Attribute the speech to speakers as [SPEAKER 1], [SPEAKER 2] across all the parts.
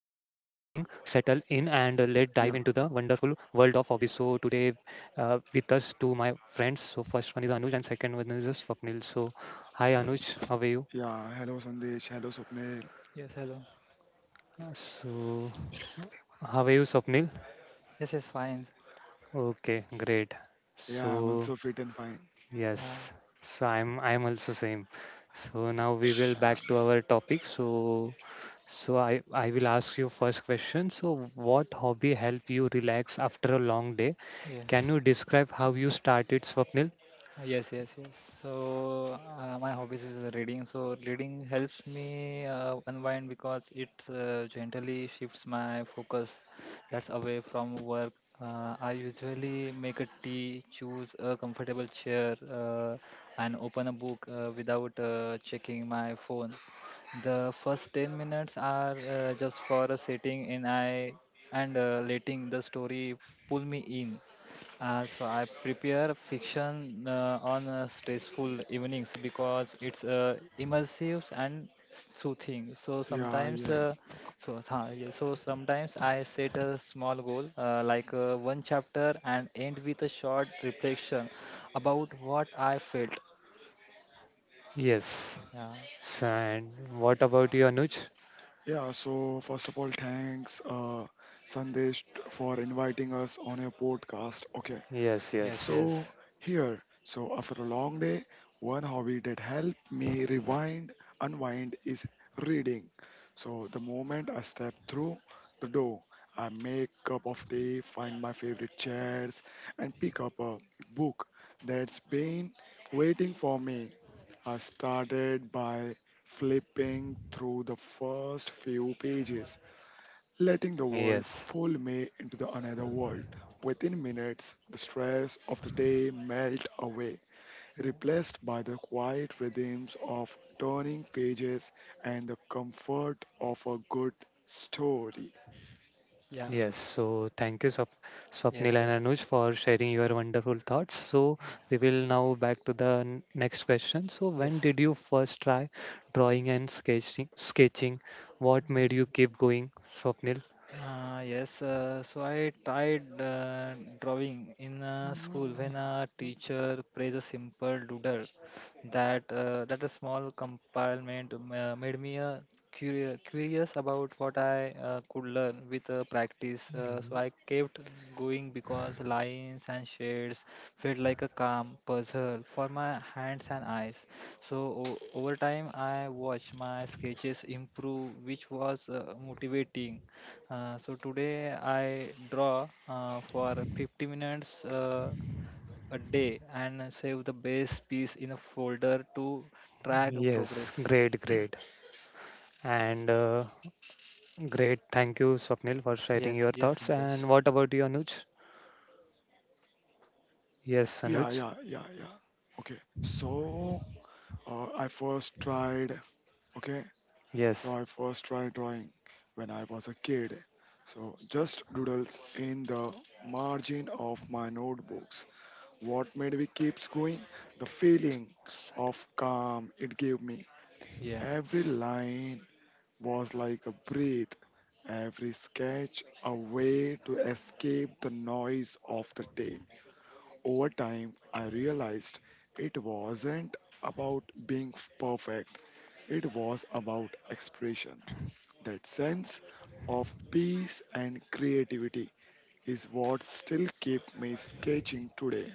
[SPEAKER 1] Yeah,
[SPEAKER 2] into the wonderful world of hobbies. So today, with us two my friends. So first one is Anuj, and second one is Swapnil. So hi Anuj, how are you?
[SPEAKER 1] yeah. Hello, Sandesh. Hello, Swapnil.
[SPEAKER 3] Yes, hello.
[SPEAKER 2] So how are you, Swapnil?
[SPEAKER 3] Yes, yes, fine.
[SPEAKER 2] Okay, great.
[SPEAKER 1] Yeah, I'm
[SPEAKER 2] So
[SPEAKER 1] also fit and fine.
[SPEAKER 3] Uh,
[SPEAKER 2] yes, so I'm also same. So now we will back to
[SPEAKER 1] Yeah,
[SPEAKER 2] our topic. So so I will ask you first question. So what hobby help you relax after a long day? Can
[SPEAKER 3] yes,
[SPEAKER 2] you describe how you started, Swapnil?
[SPEAKER 3] Uh, yes, yes, yes. So my hobbies is reading. So reading helps me unwind because it gently shifts my focus that's away from work. I usually make a tea, choose a comfortable chair, and open a book without checking my phone. The first 10 minutes are just for a sitting in I and letting the story pull me in. So I prepare fiction on stressful evenings because it's immersive and soothing. So
[SPEAKER 1] yeah,
[SPEAKER 3] sometimes,
[SPEAKER 1] yeah.
[SPEAKER 3] so tha- yeah, so sometimes I set a small goal like one chapter and end with a short reflection about what I felt.
[SPEAKER 2] Yes.
[SPEAKER 3] Yeah.
[SPEAKER 2] So, and what about you, Anuj?
[SPEAKER 1] Yeah, so first of all, thanks, Sandesh, for inviting us on your podcast. Okay,
[SPEAKER 2] Yes,
[SPEAKER 3] Yes.
[SPEAKER 2] yes,
[SPEAKER 1] so,
[SPEAKER 3] Yes.
[SPEAKER 1] here, so after a long day, one hobby that helped me unwind is reading. So, the moment I step through the door, I make cup of tea, find my favorite chairs, and pick up a book that's been waiting for me. I started by flipping through the first few pages letting the world
[SPEAKER 2] yes.
[SPEAKER 1] pull me into the another world. Within minutes, the stress of the day melt away,
[SPEAKER 3] Yeah.
[SPEAKER 1] replaced by the quiet rhythms of turning pages and the comfort of a good story.
[SPEAKER 3] Yeah.
[SPEAKER 2] Yes, so thank you,
[SPEAKER 3] Yes.
[SPEAKER 2] Swapnil
[SPEAKER 3] Yes.
[SPEAKER 2] and Anuj, for sharing your wonderful thoughts. So we will now back to the next question. So when
[SPEAKER 3] Yes.
[SPEAKER 2] did you first try drawing and sketching? Sketching, what made you keep going, Swapnil?
[SPEAKER 3] Yes, so I tried drawing in school
[SPEAKER 2] Mm,
[SPEAKER 3] when a teacher praised a simple doodle that a small compartment made me curious about what I could learn with practice. So I kept going because lines and shades felt like a calm puzzle for my hands and eyes. So o Over time, I watched my sketches improve, which was motivating. So today I draw for 50 minutes a day and save the base piece in a folder to track
[SPEAKER 2] yes,
[SPEAKER 3] progress.
[SPEAKER 2] great, great, and great. Thank you, Swapnil, for sharing
[SPEAKER 3] Yes,
[SPEAKER 2] your
[SPEAKER 3] yes,
[SPEAKER 2] thoughts.
[SPEAKER 3] Santosh.
[SPEAKER 2] And what about you, Anuj? Yes,
[SPEAKER 1] Yeah,
[SPEAKER 2] Anuj.
[SPEAKER 1] yeah, yeah, yeah. Okay, so uh, I first tried, okay,
[SPEAKER 2] Yes.
[SPEAKER 1] I first tried drawing when I was a kid. So just doodles in the margin of my notebooks. What made me keeps going? The feeling of calm it gave me.
[SPEAKER 3] Yeah,
[SPEAKER 1] Every line was like a breath, every sketch a way to escape the noise of the day. Over time, I realized it wasn't about being perfect, it was about expression. That sense of peace and creativity is what still keeps me sketching today.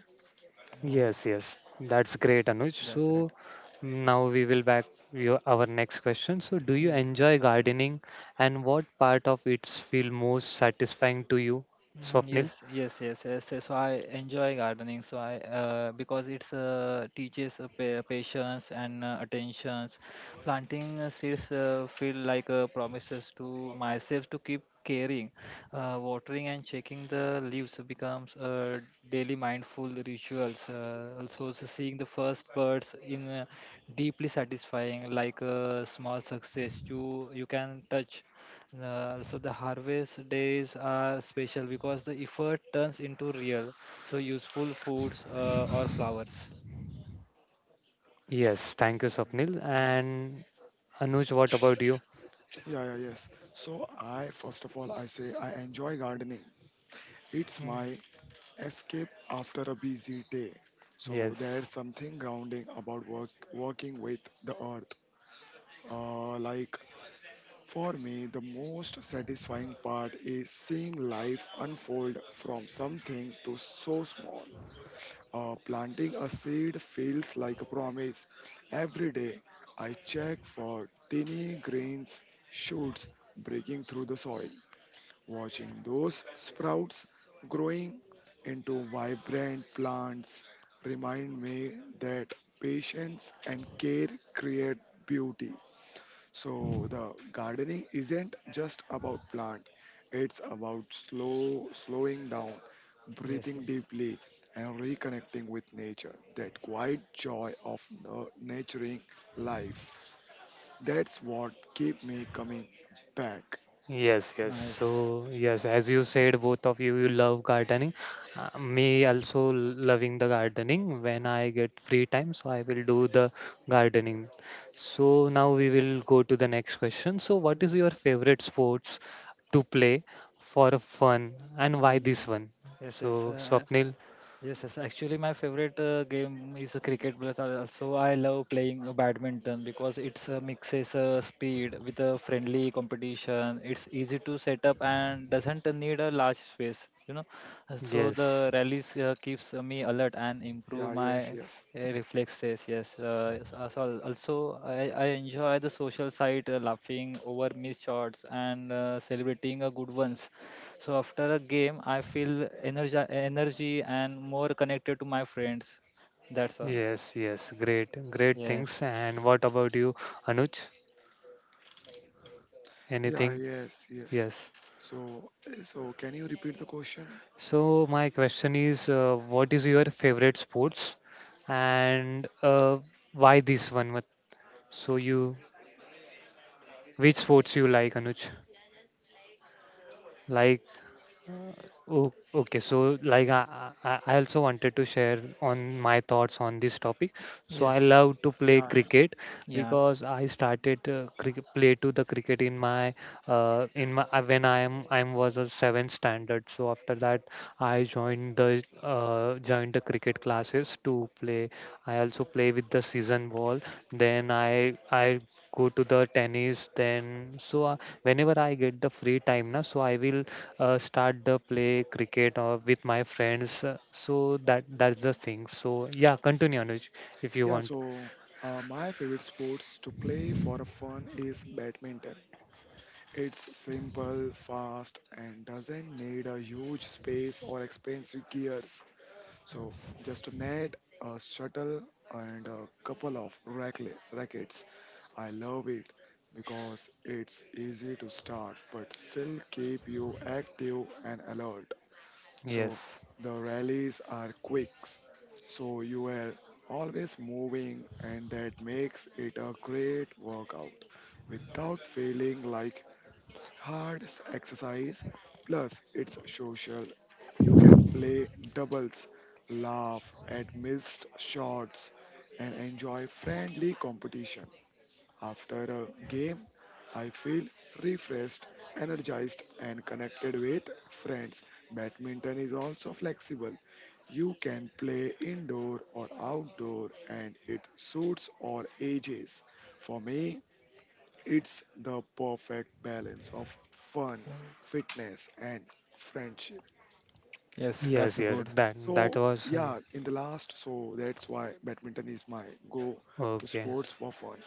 [SPEAKER 3] so
[SPEAKER 2] Yes, yes, that's great, Anuj.
[SPEAKER 3] that's
[SPEAKER 2] So now we will back your our next question. So do you
[SPEAKER 3] right.
[SPEAKER 2] enjoy gardening, and what part of it feel most satisfying to you, Swapnil?
[SPEAKER 3] Yes, yes, yes, yes, yes. So I enjoy gardening. So I because it's teaches patience and attentions. Planting seeds feel like promises to myself to keep caring. Watering and checking the leaves becomes daily mindful rituals. Also, seeing the first birds in deeply satisfying, like a small success you can touch. So the harvest days are special because the effort turns into real, so useful foods or flowers.
[SPEAKER 2] Yes, thank you, Swapnil. And Anuj, what about you?
[SPEAKER 1] Yeah, yeah, yes. So I first of all I say I enjoy gardening. It's
[SPEAKER 2] Mm,
[SPEAKER 1] my escape after a busy day. So there's
[SPEAKER 2] yes.
[SPEAKER 1] something grounding about working with the earth. Like for me, the most satisfying part is seeing life unfold from something to so small. Planting a seed feels like a promise. Every day, I check for tiny grains, shoots breaking through the soil. Watching those sprouts growing into vibrant plants remind me that patience and care create beauty. So the gardening isn't just about plant, it's about slowing down,
[SPEAKER 3] Yes,
[SPEAKER 1] breathing
[SPEAKER 3] yes.
[SPEAKER 1] deeply, and reconnecting with nature. That quiet joy of nurturing life, that's what keep me coming back.
[SPEAKER 2] Yes, yes.
[SPEAKER 3] Nice.
[SPEAKER 2] So, yes, as you said, both of you, you love gardening. Me also loving the gardening. When I get free time, so I will do the gardening. So now we will go to the next question. So, what is your
[SPEAKER 3] yes,
[SPEAKER 2] favorite sports to play for fun, and why
[SPEAKER 3] Mm,
[SPEAKER 2] this one?
[SPEAKER 3] yes, yes.
[SPEAKER 2] So,
[SPEAKER 3] Uh,
[SPEAKER 2] Swapnil,
[SPEAKER 3] Yes. Actually, my favorite game is cricket. But also, I love playing badminton because it's mixes speed with a friendly competition. It's easy to set up and doesn't need a large space. You know, so
[SPEAKER 2] yes,
[SPEAKER 3] the rallies keeps me alert and
[SPEAKER 1] Yeah,
[SPEAKER 3] improve
[SPEAKER 1] yes,
[SPEAKER 3] my
[SPEAKER 1] yes.
[SPEAKER 3] reflexes. Yes. Also, I enjoy the social side, laughing over missed shots and celebrating a good ones. So after a game, I feel energy and more connected to my friends. That's all.
[SPEAKER 2] yes, yes. Great, great
[SPEAKER 3] Yes.
[SPEAKER 2] things. And what about you, Anuj?
[SPEAKER 1] Yeah,
[SPEAKER 2] Anything?
[SPEAKER 1] yes, yes.
[SPEAKER 2] Yes.
[SPEAKER 1] So can you repeat the question?
[SPEAKER 2] So my question is, what is your favorite sports, and why this one? So you, which sports you like, Anuj? Like oh, okay. So, like, I also wanted to share on my thoughts on this topic. So, I
[SPEAKER 3] Yes.
[SPEAKER 2] love to play
[SPEAKER 1] Yeah, yeah.
[SPEAKER 2] cricket
[SPEAKER 3] Yeah.
[SPEAKER 2] because I started cricket, play to the cricket in my when I was a seventh standard. So after that, I joined the cricket classes to play. I also play with the season ball. Then I go to the tennis then so whenever I get the free time na so I will start the play cricket or with my friends. So that that's the thing. So yeah, continue Anuj if you
[SPEAKER 1] Yeah,
[SPEAKER 2] want.
[SPEAKER 1] so my favorite sports to play for fun is badminton. It's simple, fast, and doesn't need a huge space or expensive gears. So,
[SPEAKER 3] Yes.
[SPEAKER 1] just a net, a shuttle, and a couple of rackets. I love it because it's easy to start, but still keep you active and alert. So
[SPEAKER 2] Yes,
[SPEAKER 1] the rallies are quick. So you are always moving and that makes it a great workout without feeling like hard exercise. Plus it's social. You can play doubles, laugh at missed shots and enjoy friendly competition. After a game, I feel refreshed, energized, and connected with friends. Badminton is also flexible. You can play indoor or outdoor, and it suits all ages. For me, it's the perfect balance of fun,
[SPEAKER 3] Yeah.
[SPEAKER 1] fitness, and friendship.
[SPEAKER 3] Yes.
[SPEAKER 2] yes,
[SPEAKER 3] That's
[SPEAKER 2] yes.
[SPEAKER 3] good.
[SPEAKER 2] That that
[SPEAKER 1] So,
[SPEAKER 2] was
[SPEAKER 1] yeah, in the last, so that's why badminton is my go to
[SPEAKER 2] okay.
[SPEAKER 1] sports for fun.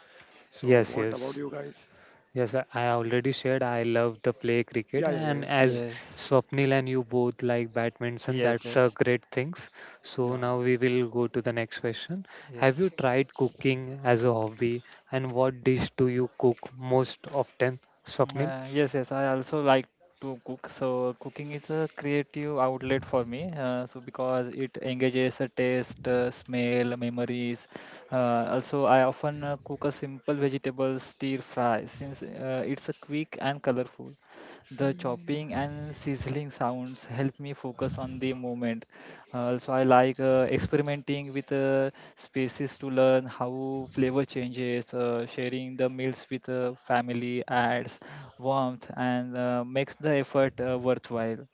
[SPEAKER 1] So,
[SPEAKER 2] Yes,
[SPEAKER 1] what about
[SPEAKER 2] yes.
[SPEAKER 1] you guys?
[SPEAKER 2] Yes, I already said I love the play cricket,
[SPEAKER 1] Yeah, yeah,
[SPEAKER 2] and
[SPEAKER 1] yes,
[SPEAKER 2] as
[SPEAKER 1] yes.
[SPEAKER 3] Yes.
[SPEAKER 2] Swapnil and you both like badminton,
[SPEAKER 3] Yes.
[SPEAKER 2] that's a
[SPEAKER 3] Yes.
[SPEAKER 2] great things. So
[SPEAKER 1] Yeah,
[SPEAKER 2] now we will go to the next question. Have
[SPEAKER 3] Yes.
[SPEAKER 2] you tried cooking as a hobby, and what dish do you cook most often, Swapnil?
[SPEAKER 3] Yes, I also like to cook. So cooking is a creative outlet for me. So because it engages a taste, smell, memories. Also, I often cook a simple vegetable stir fry since it's a quick and colorful. The chopping and sizzling sounds help me focus on the moment. Also, I like experimenting with spaces to learn how flavor changes, sharing the meals with family adds warmth and makes the effort worthwhile.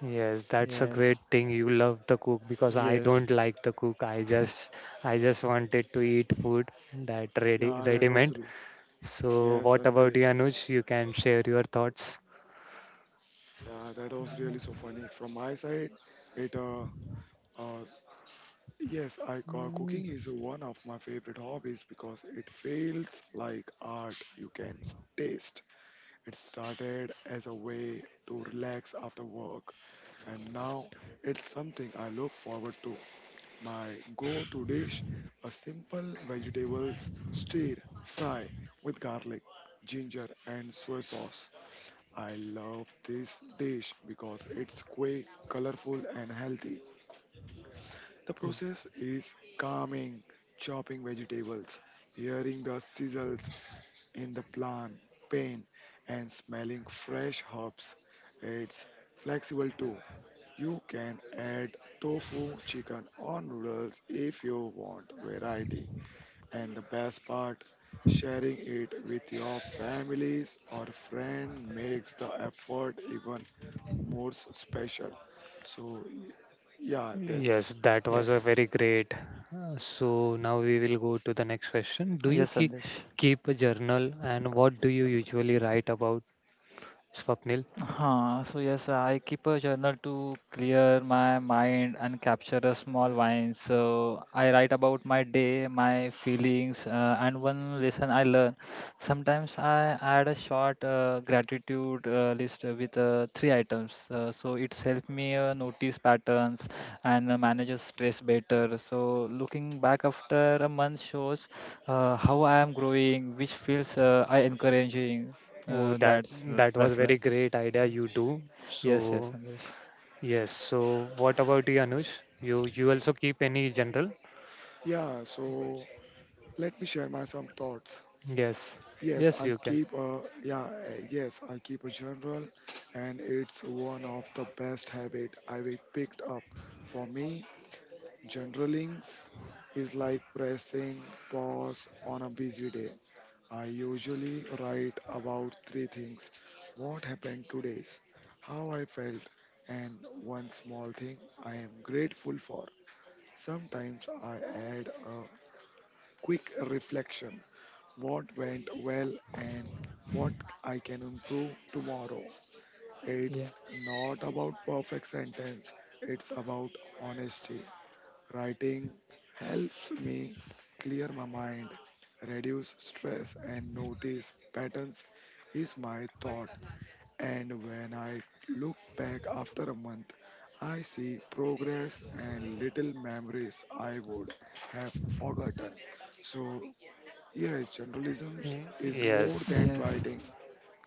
[SPEAKER 2] Yes, that's a great
[SPEAKER 3] Yes,
[SPEAKER 2] thing. You love the cook because I
[SPEAKER 3] yes,
[SPEAKER 2] don't like the cook. I just wanted to eat food that ready
[SPEAKER 1] yeah,
[SPEAKER 2] ready meant. So
[SPEAKER 1] yes,
[SPEAKER 2] what about you,
[SPEAKER 1] Andesh.
[SPEAKER 2] Anuj? You can share your thoughts.
[SPEAKER 1] Yeah, that was really so funny. From my side, it uh yes, I
[SPEAKER 2] Mm,
[SPEAKER 1] cooking is one of my favorite hobbies because it feels like art. You can taste. It started as a way to relax after work, and now it's something I look forward to. My go-to dish: a simple vegetables stir fry with garlic, ginger, and soy sauce. I love this dish because it's quick, colorful, and healthy. The process is calming, chopping vegetables, hearing the sizzles in the plant, pain, and smelling fresh herbs. It's flexible too. You can add tofu, chicken, or noodles if you want variety. And the best part, sharing it with your families or friend makes the effort even more special. So, yeah,
[SPEAKER 2] yes,
[SPEAKER 1] that's
[SPEAKER 2] that was a
[SPEAKER 3] yes,
[SPEAKER 2] very great. So now we will go to the next question. Do you
[SPEAKER 3] yes,
[SPEAKER 2] keep
[SPEAKER 3] Sandesh.
[SPEAKER 2] keep a journal and what do you usually write about, Swapnil?
[SPEAKER 3] So yes, I keep a journal to clear my mind and capture a small wine. So I write about my day, my feelings, and one lesson I learn. Sometimes I add a short gratitude list with three items. So it's helped me notice patterns and manages stress better. So looking back after a month shows how I am growing, which feels I encouraging.
[SPEAKER 2] Oh,
[SPEAKER 3] Uh,
[SPEAKER 2] that
[SPEAKER 3] that's
[SPEAKER 2] that was
[SPEAKER 3] that's
[SPEAKER 2] very
[SPEAKER 3] like.
[SPEAKER 2] great idea you do.
[SPEAKER 3] Yes, yes,
[SPEAKER 2] So
[SPEAKER 3] Sandesh.
[SPEAKER 2] yes. So what about you, Anuj? You also keep any general?
[SPEAKER 1] yeah. So, let me share my some thoughts.
[SPEAKER 2] Yes.
[SPEAKER 1] Yes,
[SPEAKER 2] Yes, you can.
[SPEAKER 1] I keep a journal, and it's one of the best habit I will picked up. For me, journaling is like pressing pause on a busy day. I usually write about three things: what happened today, how I felt, and one small thing I am grateful for. Sometimes I add a quick reflection: what went well and what I can improve tomorrow.
[SPEAKER 3] Yeah.
[SPEAKER 1] It's not about perfect sentence, it's about honesty. Writing helps me clear my mind, reduce stress, and notice patterns is my thought. And when I look back after a month, I see progress and little memories I would have forgotten. So, yeah, journalism
[SPEAKER 2] Y-
[SPEAKER 1] is more
[SPEAKER 2] Yes.
[SPEAKER 1] than
[SPEAKER 3] Yes.
[SPEAKER 1] writing.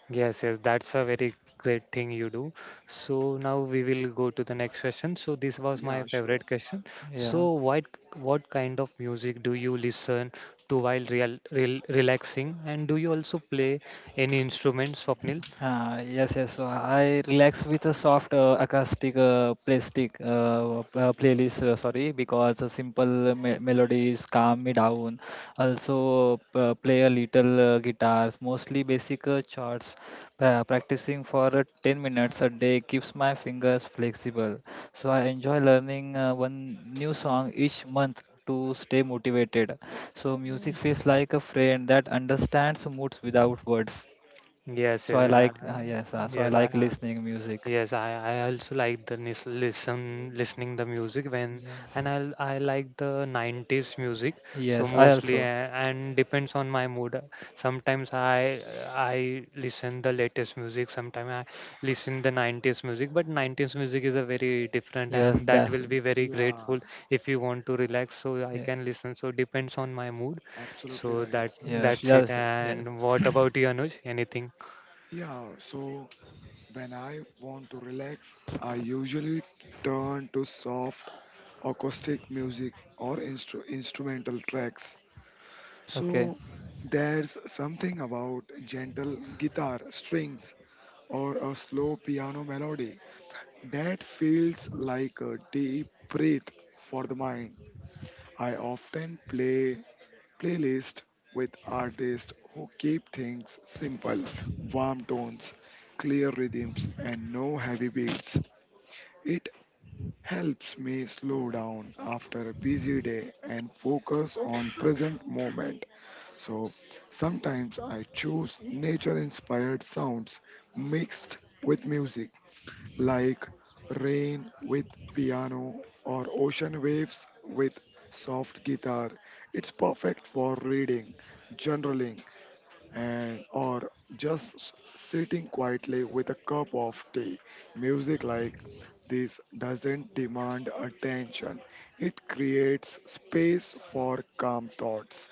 [SPEAKER 2] Yes, yes. That's a very great thing you do. So now we will go to the next question. So this was my
[SPEAKER 1] Yeah, sure.
[SPEAKER 2] favorite question.
[SPEAKER 3] Yeah.
[SPEAKER 2] So what kind of music do you listen to while real, real relaxing? And do you also play any instruments, Swapnil?
[SPEAKER 3] Yes. so I relax with a soft acoustic plastic playlist. Sorry, because a simple melodies calm me down. Also, play a little guitars, mostly basic chords. Practicing for 10 minutes a day keeps my fingers flexible. So I enjoy learning one new song each month to stay motivated. So music feels like a friend that understands moods without words.
[SPEAKER 2] Yes,
[SPEAKER 3] So
[SPEAKER 2] yes.
[SPEAKER 3] I
[SPEAKER 2] Uh,
[SPEAKER 3] like yes. So I
[SPEAKER 2] yes, I,
[SPEAKER 3] like listening music.
[SPEAKER 2] yes, I also like the listen listening the music when
[SPEAKER 3] Yes.
[SPEAKER 2] and I like the 90s music so
[SPEAKER 3] Yes. I
[SPEAKER 2] mostly
[SPEAKER 3] also.
[SPEAKER 2] and depends on my mood. Sometimes I listen the latest music, sometimes I listen the 90s music, but 90s music is a very different
[SPEAKER 3] Yes.
[SPEAKER 2] and that
[SPEAKER 3] That's.
[SPEAKER 2] will be very
[SPEAKER 1] Yeah,
[SPEAKER 2] grateful if you want to relax so I
[SPEAKER 3] Yeah.
[SPEAKER 2] can listen. So depends on my mood.
[SPEAKER 1] absolutely
[SPEAKER 2] So
[SPEAKER 1] right,
[SPEAKER 2] that
[SPEAKER 3] Yes.
[SPEAKER 1] Sandesh.
[SPEAKER 2] that's it.
[SPEAKER 3] Yes. Yes.
[SPEAKER 2] And what about you, Anuj? Anything?
[SPEAKER 1] Yeah, so when I want to relax, I usually turn to soft acoustic music or instrumental tracks.
[SPEAKER 3] Okay.
[SPEAKER 1] So there's something about gentle guitar strings or a slow piano melody that feels like a deep breath for the mind. I often play playlists with artists who keep things simple, warm tones, clear rhythms and no heavy beats. It helps me slow down after a busy day and focus on present moment. So sometimes I choose nature inspired sounds mixed with music, like rain with piano or ocean waves with soft guitar. It's perfect for reading, journaling, and or just sitting quietly with a cup of tea. Music like this doesn't demand attention. It creates space for calm thoughts.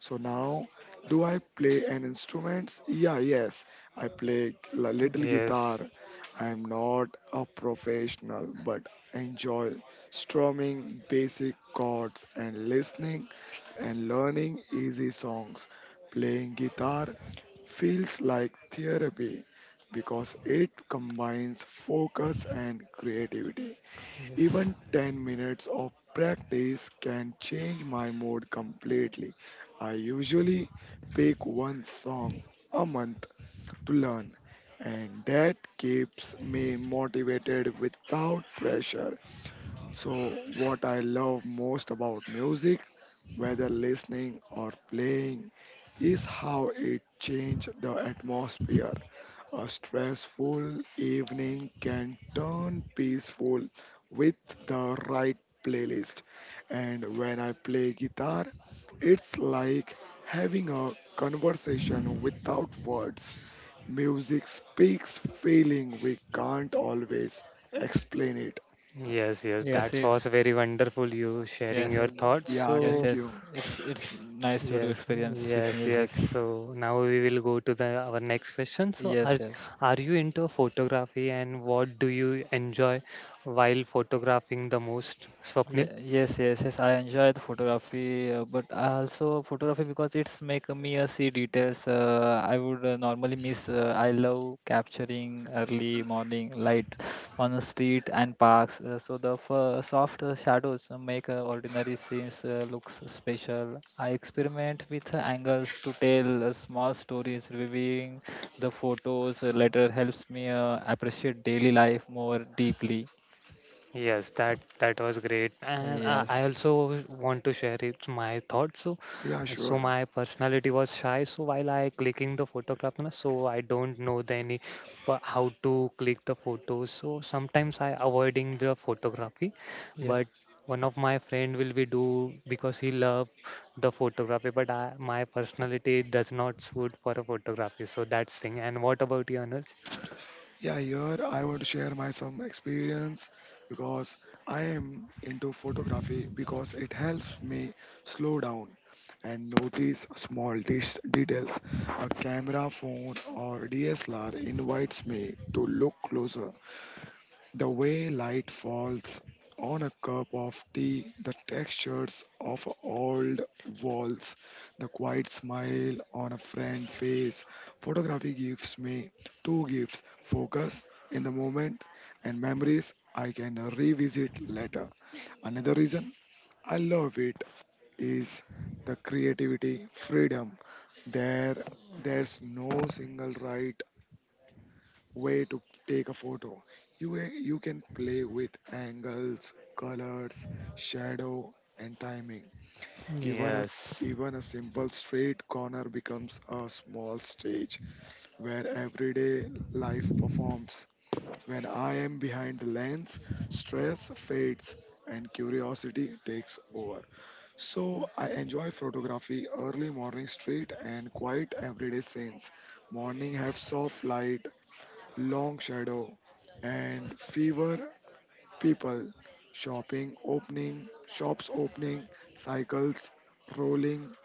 [SPEAKER 1] So now, do I play an instrument? Yeah, yes, I play a little guitar.
[SPEAKER 2] Yes.
[SPEAKER 1] I am not a professional, but I enjoy strumming basic chords and listening and learning easy songs. Playing guitar feels like therapy because it combines focus and creativity.
[SPEAKER 3] Yes.
[SPEAKER 1] Even 10 minutes of practice can change my mood completely. I usually pick one song a month to learn, and that keeps me motivated without pressure. So, what I love most about music, whether listening or playing, is how it changes the atmosphere. A stressful evening can turn peaceful with the right playlist. And when I play guitar, it's like having a conversation without words. Music speaks feeling we can't always explain it.
[SPEAKER 2] Yes, yes,
[SPEAKER 3] Yes.
[SPEAKER 2] that
[SPEAKER 3] It's.
[SPEAKER 2] was very wonderful you sharing
[SPEAKER 3] Yes.
[SPEAKER 2] your
[SPEAKER 3] uh,
[SPEAKER 2] thoughts.
[SPEAKER 1] Yeah,
[SPEAKER 3] Yes.
[SPEAKER 2] So,
[SPEAKER 1] thank
[SPEAKER 3] Yes.
[SPEAKER 1] you.
[SPEAKER 3] It's. It's nice to
[SPEAKER 2] yes,
[SPEAKER 3] experience with
[SPEAKER 2] yes, yes.
[SPEAKER 3] music.
[SPEAKER 2] So now we will go to the our next question. So,
[SPEAKER 3] Yes. Yes.
[SPEAKER 2] are you into photography and what do you enjoy while photographing the most, Swapnil?
[SPEAKER 3] Yes, yes, yes. I enjoy the photography, but I also photography because it's make me see details. I would normally miss. I love capturing early morning light on the street and parks. So the f soft shadows make ordinary scenes looks special. I experiment with angles to tell small stories. Reviewing the photos later helps me appreciate daily life more deeply.
[SPEAKER 2] Yes, that that was great, and I
[SPEAKER 3] Yes.
[SPEAKER 2] also want to share it, my thoughts. So,
[SPEAKER 1] Yeah,
[SPEAKER 2] so
[SPEAKER 1] sure.
[SPEAKER 2] my personality was shy. So while I clicking the photograph, na, so I don't know the any how to click the photos. So sometimes I avoiding the photography,
[SPEAKER 3] Yeah.
[SPEAKER 2] but one of my friend will be do because he love the photography. But I, my personality does not suit for a photography. So that's thing. And what about you, Anuj?
[SPEAKER 1] Yeah, here I want to share my some experience because I am into photography because it helps me slow down and notice small details. A camera, phone, or DSLR invites me to look closer. The way light falls on a cup of tea, the textures of old walls, the quiet smile on a friend's face. Photography gives me two gifts: focus in the moment and memories I can revisit later. Another reason I love it is the creativity, freedom. There, there's no single right way to take a photo. You can play with angles, colors, shadow, and timing. Even a, s-
[SPEAKER 2] Yes.
[SPEAKER 1] even a simple straight corner becomes a small stage where everyday life performs. When I am behind the lens, stress fades and curiosity takes over. So I enjoy photography early morning street and quiet everyday scenes. Morning have soft light, long shadow, and fever people. Shops opening, cycles rolling,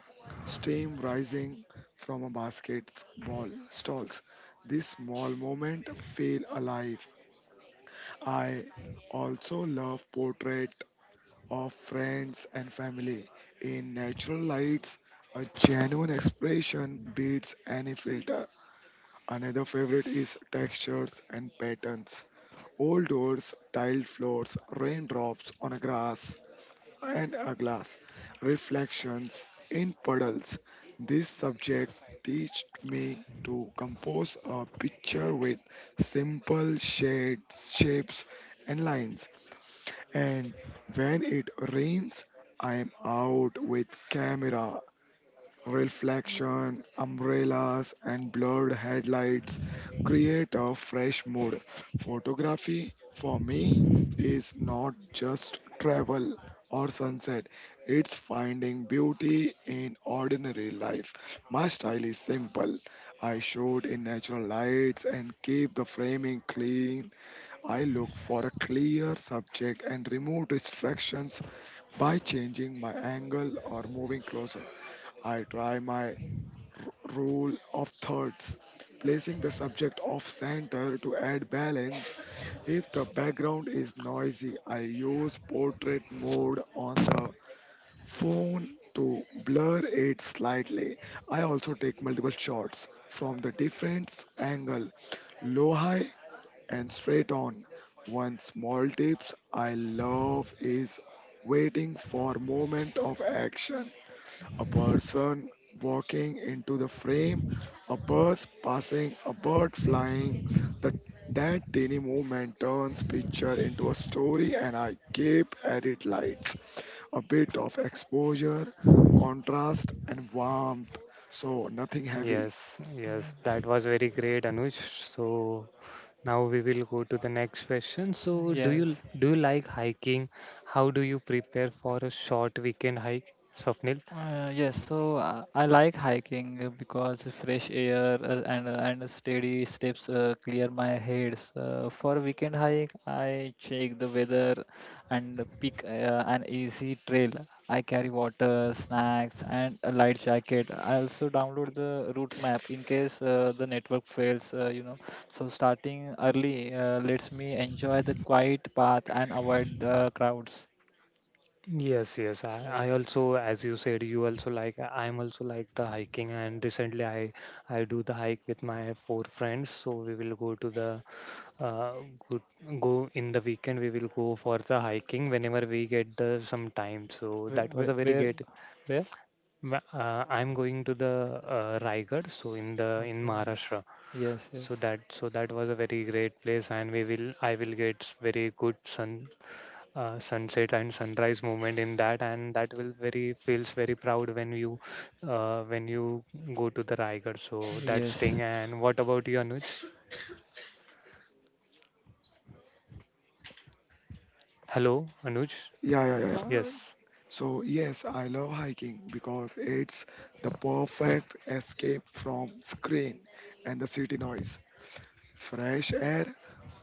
[SPEAKER 1] steam rising from a basketball stalls. This small moment feel alive. I also love portrait of friends and family in natural lights. A genuine expression beats any filter. Another favorite is textures and patterns. Old doors, tiled floors, raindrops on a grass and a glass, reflections in puddles. This subject teached me to compose a picture with simple shades, shapes, and lines. And when it rains, I am out with camera. Reflection, umbrellas, and blurred headlights create a fresh mood. Photography, for me, is not just travel or sunset, it's finding beauty in ordinary life. My style is simple. I shoot in natural lights and keep the framing clean. I look for a clear subject and remove distractions by changing my angle or moving closer. I try my Rule of thirds, placing the subject off center to add balance. If the background is noisy, I use portrait mode on the phone to blur it slightly. I also take multiple shots from the different angle, low high and straight on. One small tips I love is waiting for moment of action: a person walking into the frame, a bus passing, a bird flying. That that teeny movement turns picture into a story, and I keep at it lights, a bit of exposure, contrast, and warmth. So nothing heavy.
[SPEAKER 2] Yes, yes, that was very great, Anuj. So now we will go to the next question. So
[SPEAKER 3] Yes.
[SPEAKER 2] do you like hiking? How do you prepare for a short weekend hike, Swapnil?
[SPEAKER 3] Yes, so I like hiking because the fresh air and steady steps clear my head. So for weekend hike, I check the weather and pick an easy trail. I carry water, snacks, and a light jacket. I also download the route map in case the network fails, you know. So starting early lets me enjoy the quiet path and avoid the crowds.
[SPEAKER 2] Yes, yes. I
[SPEAKER 3] Yeah.
[SPEAKER 2] also, as you said, you also like, I'm also like the hiking, and recently I do the hike with my four friends. So we will go to the uh, go, go in the weekend. We will go for the hiking whenever we get the some time. So
[SPEAKER 3] Where,
[SPEAKER 2] that was
[SPEAKER 3] where,
[SPEAKER 2] a very
[SPEAKER 3] where,
[SPEAKER 2] great
[SPEAKER 3] where?
[SPEAKER 2] I'm going to the Raigad, so in the in
[SPEAKER 3] Okay.
[SPEAKER 2] Maharashtra.
[SPEAKER 3] Yes,
[SPEAKER 2] So
[SPEAKER 3] yes,
[SPEAKER 2] that so that was a very great place, and we will I will get very good sun sunset and sunrise moment in that, and that will very feels very proud when you go to the Raigad. So that's
[SPEAKER 3] yes,
[SPEAKER 2] thing. And what about you, Anuj? Hello, Anuj.
[SPEAKER 1] Yeah, yeah, yeah, yeah.
[SPEAKER 2] Yes,
[SPEAKER 1] So yes, I love hiking because it's the perfect escape from screen and the city noise. Fresh air,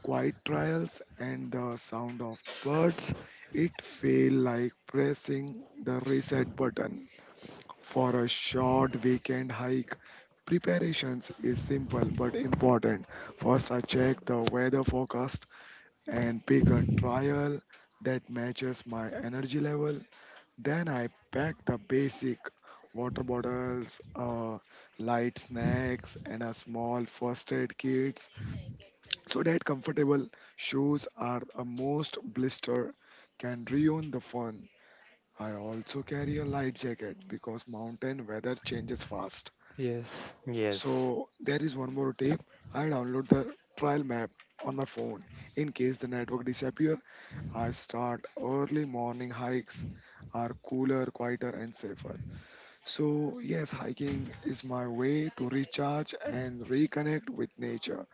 [SPEAKER 1] quiet trials and the sound of birds, it felt like pressing the reset button for a short weekend hike. Preparations is simple but important. First, I check the weather forecast and pick a trial that matches my energy level. Then I pack the basic water bottles, light snacks, and a small first aid kit so that comfortable shoes are a most blister can ruin the fun. I also carry a light jacket because mountain weather changes fast.
[SPEAKER 3] yes,
[SPEAKER 2] yes.
[SPEAKER 1] So there is one more tip. I download the trail map on my phone. In case the network disappear, I start early morning hikes are cooler, quieter and safer. So yes, hiking is my way to recharge and reconnect with nature.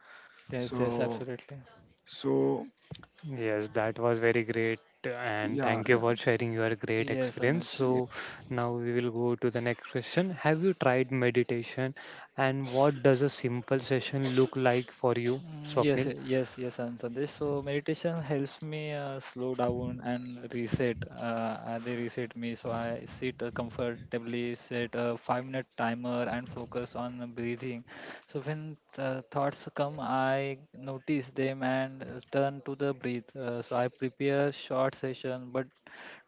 [SPEAKER 3] yes, yes,
[SPEAKER 1] So
[SPEAKER 3] absolutely.
[SPEAKER 1] so
[SPEAKER 2] Yes, that was very great, and
[SPEAKER 1] yeah,
[SPEAKER 2] thank you
[SPEAKER 1] yeah.
[SPEAKER 2] for sharing your great
[SPEAKER 3] Yes,
[SPEAKER 2] experience.
[SPEAKER 3] Anuj.
[SPEAKER 2] So, now we will go to the next question. Have you tried meditation, and what does a simple session look like for you, Swapnil?
[SPEAKER 3] Yes, yes, answer this. So meditation helps me slow down and reset. They reset me, so I sit comfortably, set a five-minute timer, and focus on breathing. So when thoughts come, I notice them and turn to the breath. So I prepare short session, but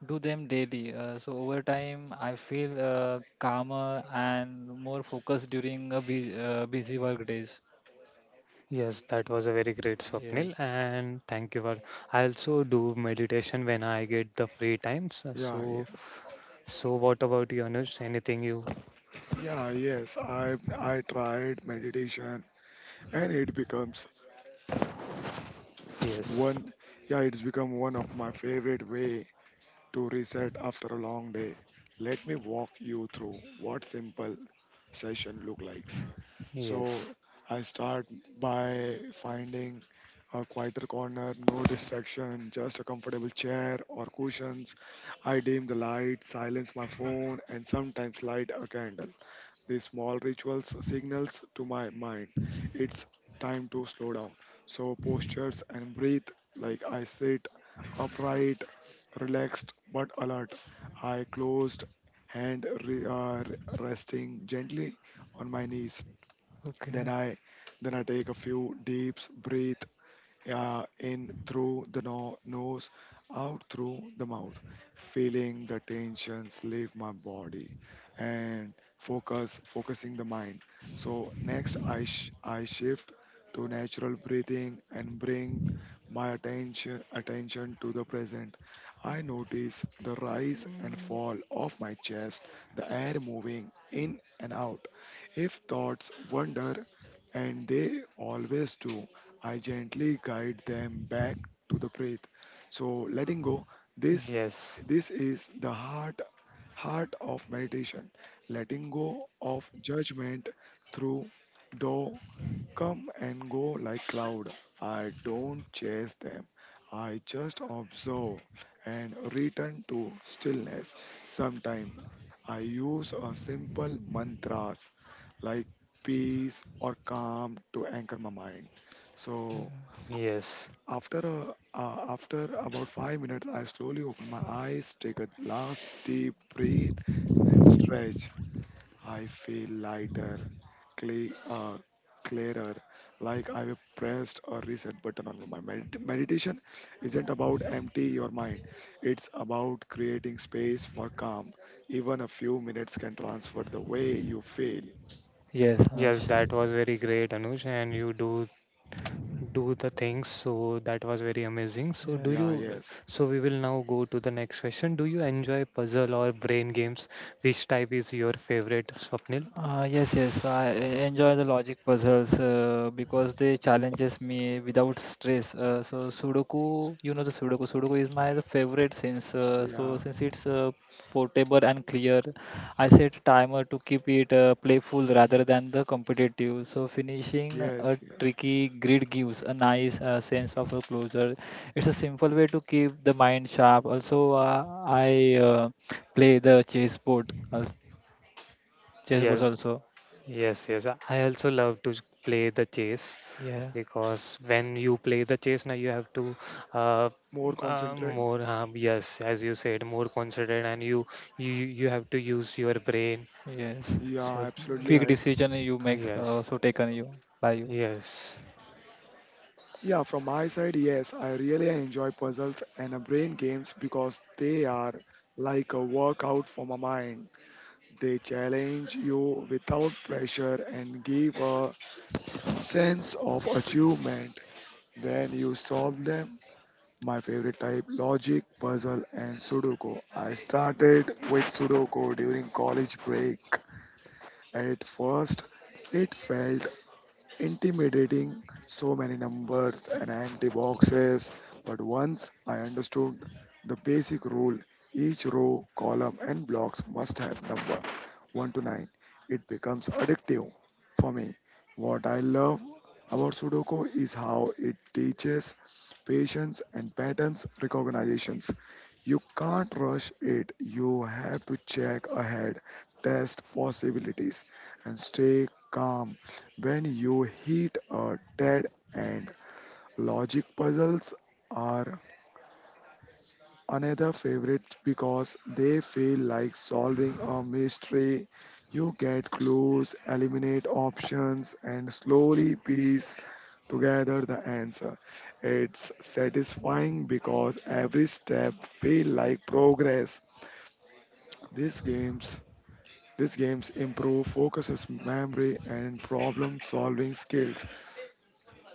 [SPEAKER 3] do them daily. So over time, I feel calmer and more focused during a busy work days.
[SPEAKER 2] Yes, that was a very great Swapnil,
[SPEAKER 3] Yes.
[SPEAKER 2] and thank you for. I also do meditation when I get the free times.
[SPEAKER 1] Yeah,
[SPEAKER 2] So,
[SPEAKER 1] yes.
[SPEAKER 2] so what about you, Anush? Anything you?
[SPEAKER 1] Yeah, yes. I tried meditation and it
[SPEAKER 2] Yes,
[SPEAKER 1] one become one of my favorite way to reset after a long day. Let me walk you through what simple session look like.
[SPEAKER 2] yes,
[SPEAKER 1] So I start by finding a quieter corner, no distraction, just a comfortable chair or cushions. I dim the light, silence my phone, and sometimes light a candle. These small rituals signals to my mind it's time to slow down. So postures and breathe like I sit upright, relaxed but alert. I closed hand resting gently on my knees. Then
[SPEAKER 3] Okay.
[SPEAKER 1] I then I take a few deeps breath, in through the nose, out through the mouth, feeling the tensions leave my body and focusing the mind. So next, I shift to natural breathing and bring my attention to the present. I notice the rise and fall of my chest, the air moving in and out. If thoughts wander, and they always do, I gently guide them back to the breath. So letting go, this
[SPEAKER 2] yes,
[SPEAKER 1] this is the heart of meditation. Letting go of judgment through though come and go like cloud. I don't chase them. I just observe and return to stillness. Sometimes I use a simple mantras like peace or calm to anchor my mind. So
[SPEAKER 2] yes.
[SPEAKER 1] after about 5 minutes, I slowly open my eyes, take a last deep breath, and stretch. I feel lighter, cle uh, clearer, like I've pressed a reset button on my meditation. Isn't about empty your mind; it's about creating space for calm. Even a few minutes can transfer the way you feel.
[SPEAKER 3] Yes, Anuj.
[SPEAKER 2] Yes, that was very great, Anush, and you do do the things. So that was very amazing. So do
[SPEAKER 3] Yes.
[SPEAKER 1] Yeah,
[SPEAKER 2] you?
[SPEAKER 1] yes,
[SPEAKER 2] So we will now go to the next question. Do you enjoy puzzle or brain games? Which type is your favorite, Swapnil?
[SPEAKER 3] Yes, I enjoy the logic puzzles because they challenges me without stress. So Sudoku, you know the Sudoku. Sudoku is my the favorite since
[SPEAKER 1] yeah,
[SPEAKER 3] since it's portable and clear. I set a timer to keep it playful rather than the competitive. So finishing a
[SPEAKER 1] yes, yes.
[SPEAKER 3] tricky grid gives a nice sense of a closure. It's a simple way to keep the mind sharp. Also, I play the chessboard, chessboards
[SPEAKER 2] Yes,
[SPEAKER 3] also.
[SPEAKER 2] yes, yes. I also love to play the chess
[SPEAKER 3] Yeah,
[SPEAKER 2] because when you play the chess, now you have to uh,
[SPEAKER 1] More concentrate.
[SPEAKER 2] more yes, as you said, more concentrate, and you you have to use your brain.
[SPEAKER 3] yes.
[SPEAKER 1] Yeah,
[SPEAKER 2] So
[SPEAKER 1] absolutely
[SPEAKER 3] Quick
[SPEAKER 1] right.
[SPEAKER 3] decision you make,
[SPEAKER 2] yes,
[SPEAKER 3] so taken you by you.
[SPEAKER 2] yes,
[SPEAKER 1] Yeah, from my side, yes, I really enjoy puzzles and brain games because they are like a workout for my mind. They challenge you without pressure and give a sense of achievement when you solve them. My favorite type: logic, puzzle, and Sudoku. I started with Sudoku during college break. At first, it felt intimidating, so many numbers and empty boxes. But once I understood the basic rule, each row, column, and blocks must have number 1 to 9. It becomes addictive for me. What I love about Sudoku is how it teaches patience and patterns recognitions. You can't rush it. You have to check ahead, test possibilities, and stay calm. When you hit a dead end, logic puzzles are another favorite because they feel like solving a mystery. You get clues, eliminate options, and slowly piece together the answer. It's satisfying because every step feels like progress. These games these games improve focuses, memory, and problem-solving skills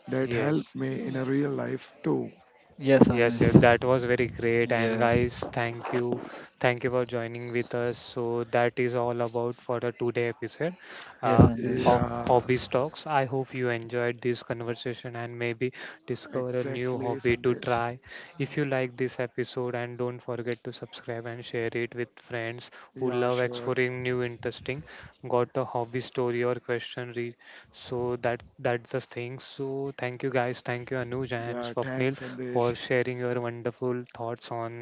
[SPEAKER 1] that help
[SPEAKER 2] yes.
[SPEAKER 1] me in a real life too.
[SPEAKER 3] Yes,
[SPEAKER 2] Yes,
[SPEAKER 3] Anush.
[SPEAKER 2] yes, that was very great. And
[SPEAKER 3] Yes,
[SPEAKER 2] guys, thank you. Thank you for joining with us. So that is all about for the today episode
[SPEAKER 3] yes,
[SPEAKER 2] uh,
[SPEAKER 3] Sandesh.
[SPEAKER 2] of
[SPEAKER 1] Yeah,
[SPEAKER 2] Hobbies Talks. I hope you enjoyed this conversation and maybe discover a new
[SPEAKER 1] exactly,
[SPEAKER 2] hobby to
[SPEAKER 1] Sandesh.
[SPEAKER 2] try. If you like this episode and don't forget to subscribe and share it with friends who
[SPEAKER 1] Yeah,
[SPEAKER 2] love
[SPEAKER 1] sure.
[SPEAKER 2] exploring new interesting got a hobby story or question so that that's the thing so thank you guys thank you Anuj and
[SPEAKER 1] Yeah, thanks,
[SPEAKER 2] Swapnil for
[SPEAKER 1] Sandesh.
[SPEAKER 2] sharing your wonderful thoughts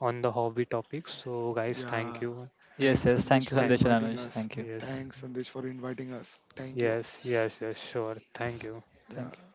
[SPEAKER 2] on the hobby topic. So guys, thank
[SPEAKER 1] Yeah,
[SPEAKER 2] you.
[SPEAKER 3] Yes,
[SPEAKER 1] thanks,
[SPEAKER 3] yes.
[SPEAKER 1] Sandesh,
[SPEAKER 3] Thank you,
[SPEAKER 1] for
[SPEAKER 2] Thank,
[SPEAKER 3] Sandesh and
[SPEAKER 1] inviting
[SPEAKER 2] thank
[SPEAKER 3] Anush.
[SPEAKER 1] us.
[SPEAKER 3] Thank you.
[SPEAKER 2] yes,
[SPEAKER 1] Thanks, Sandesh, for inviting us. Thank you.
[SPEAKER 2] yes, yes, yes, sure. Thank you.
[SPEAKER 3] Thank
[SPEAKER 1] Yeah.
[SPEAKER 3] you.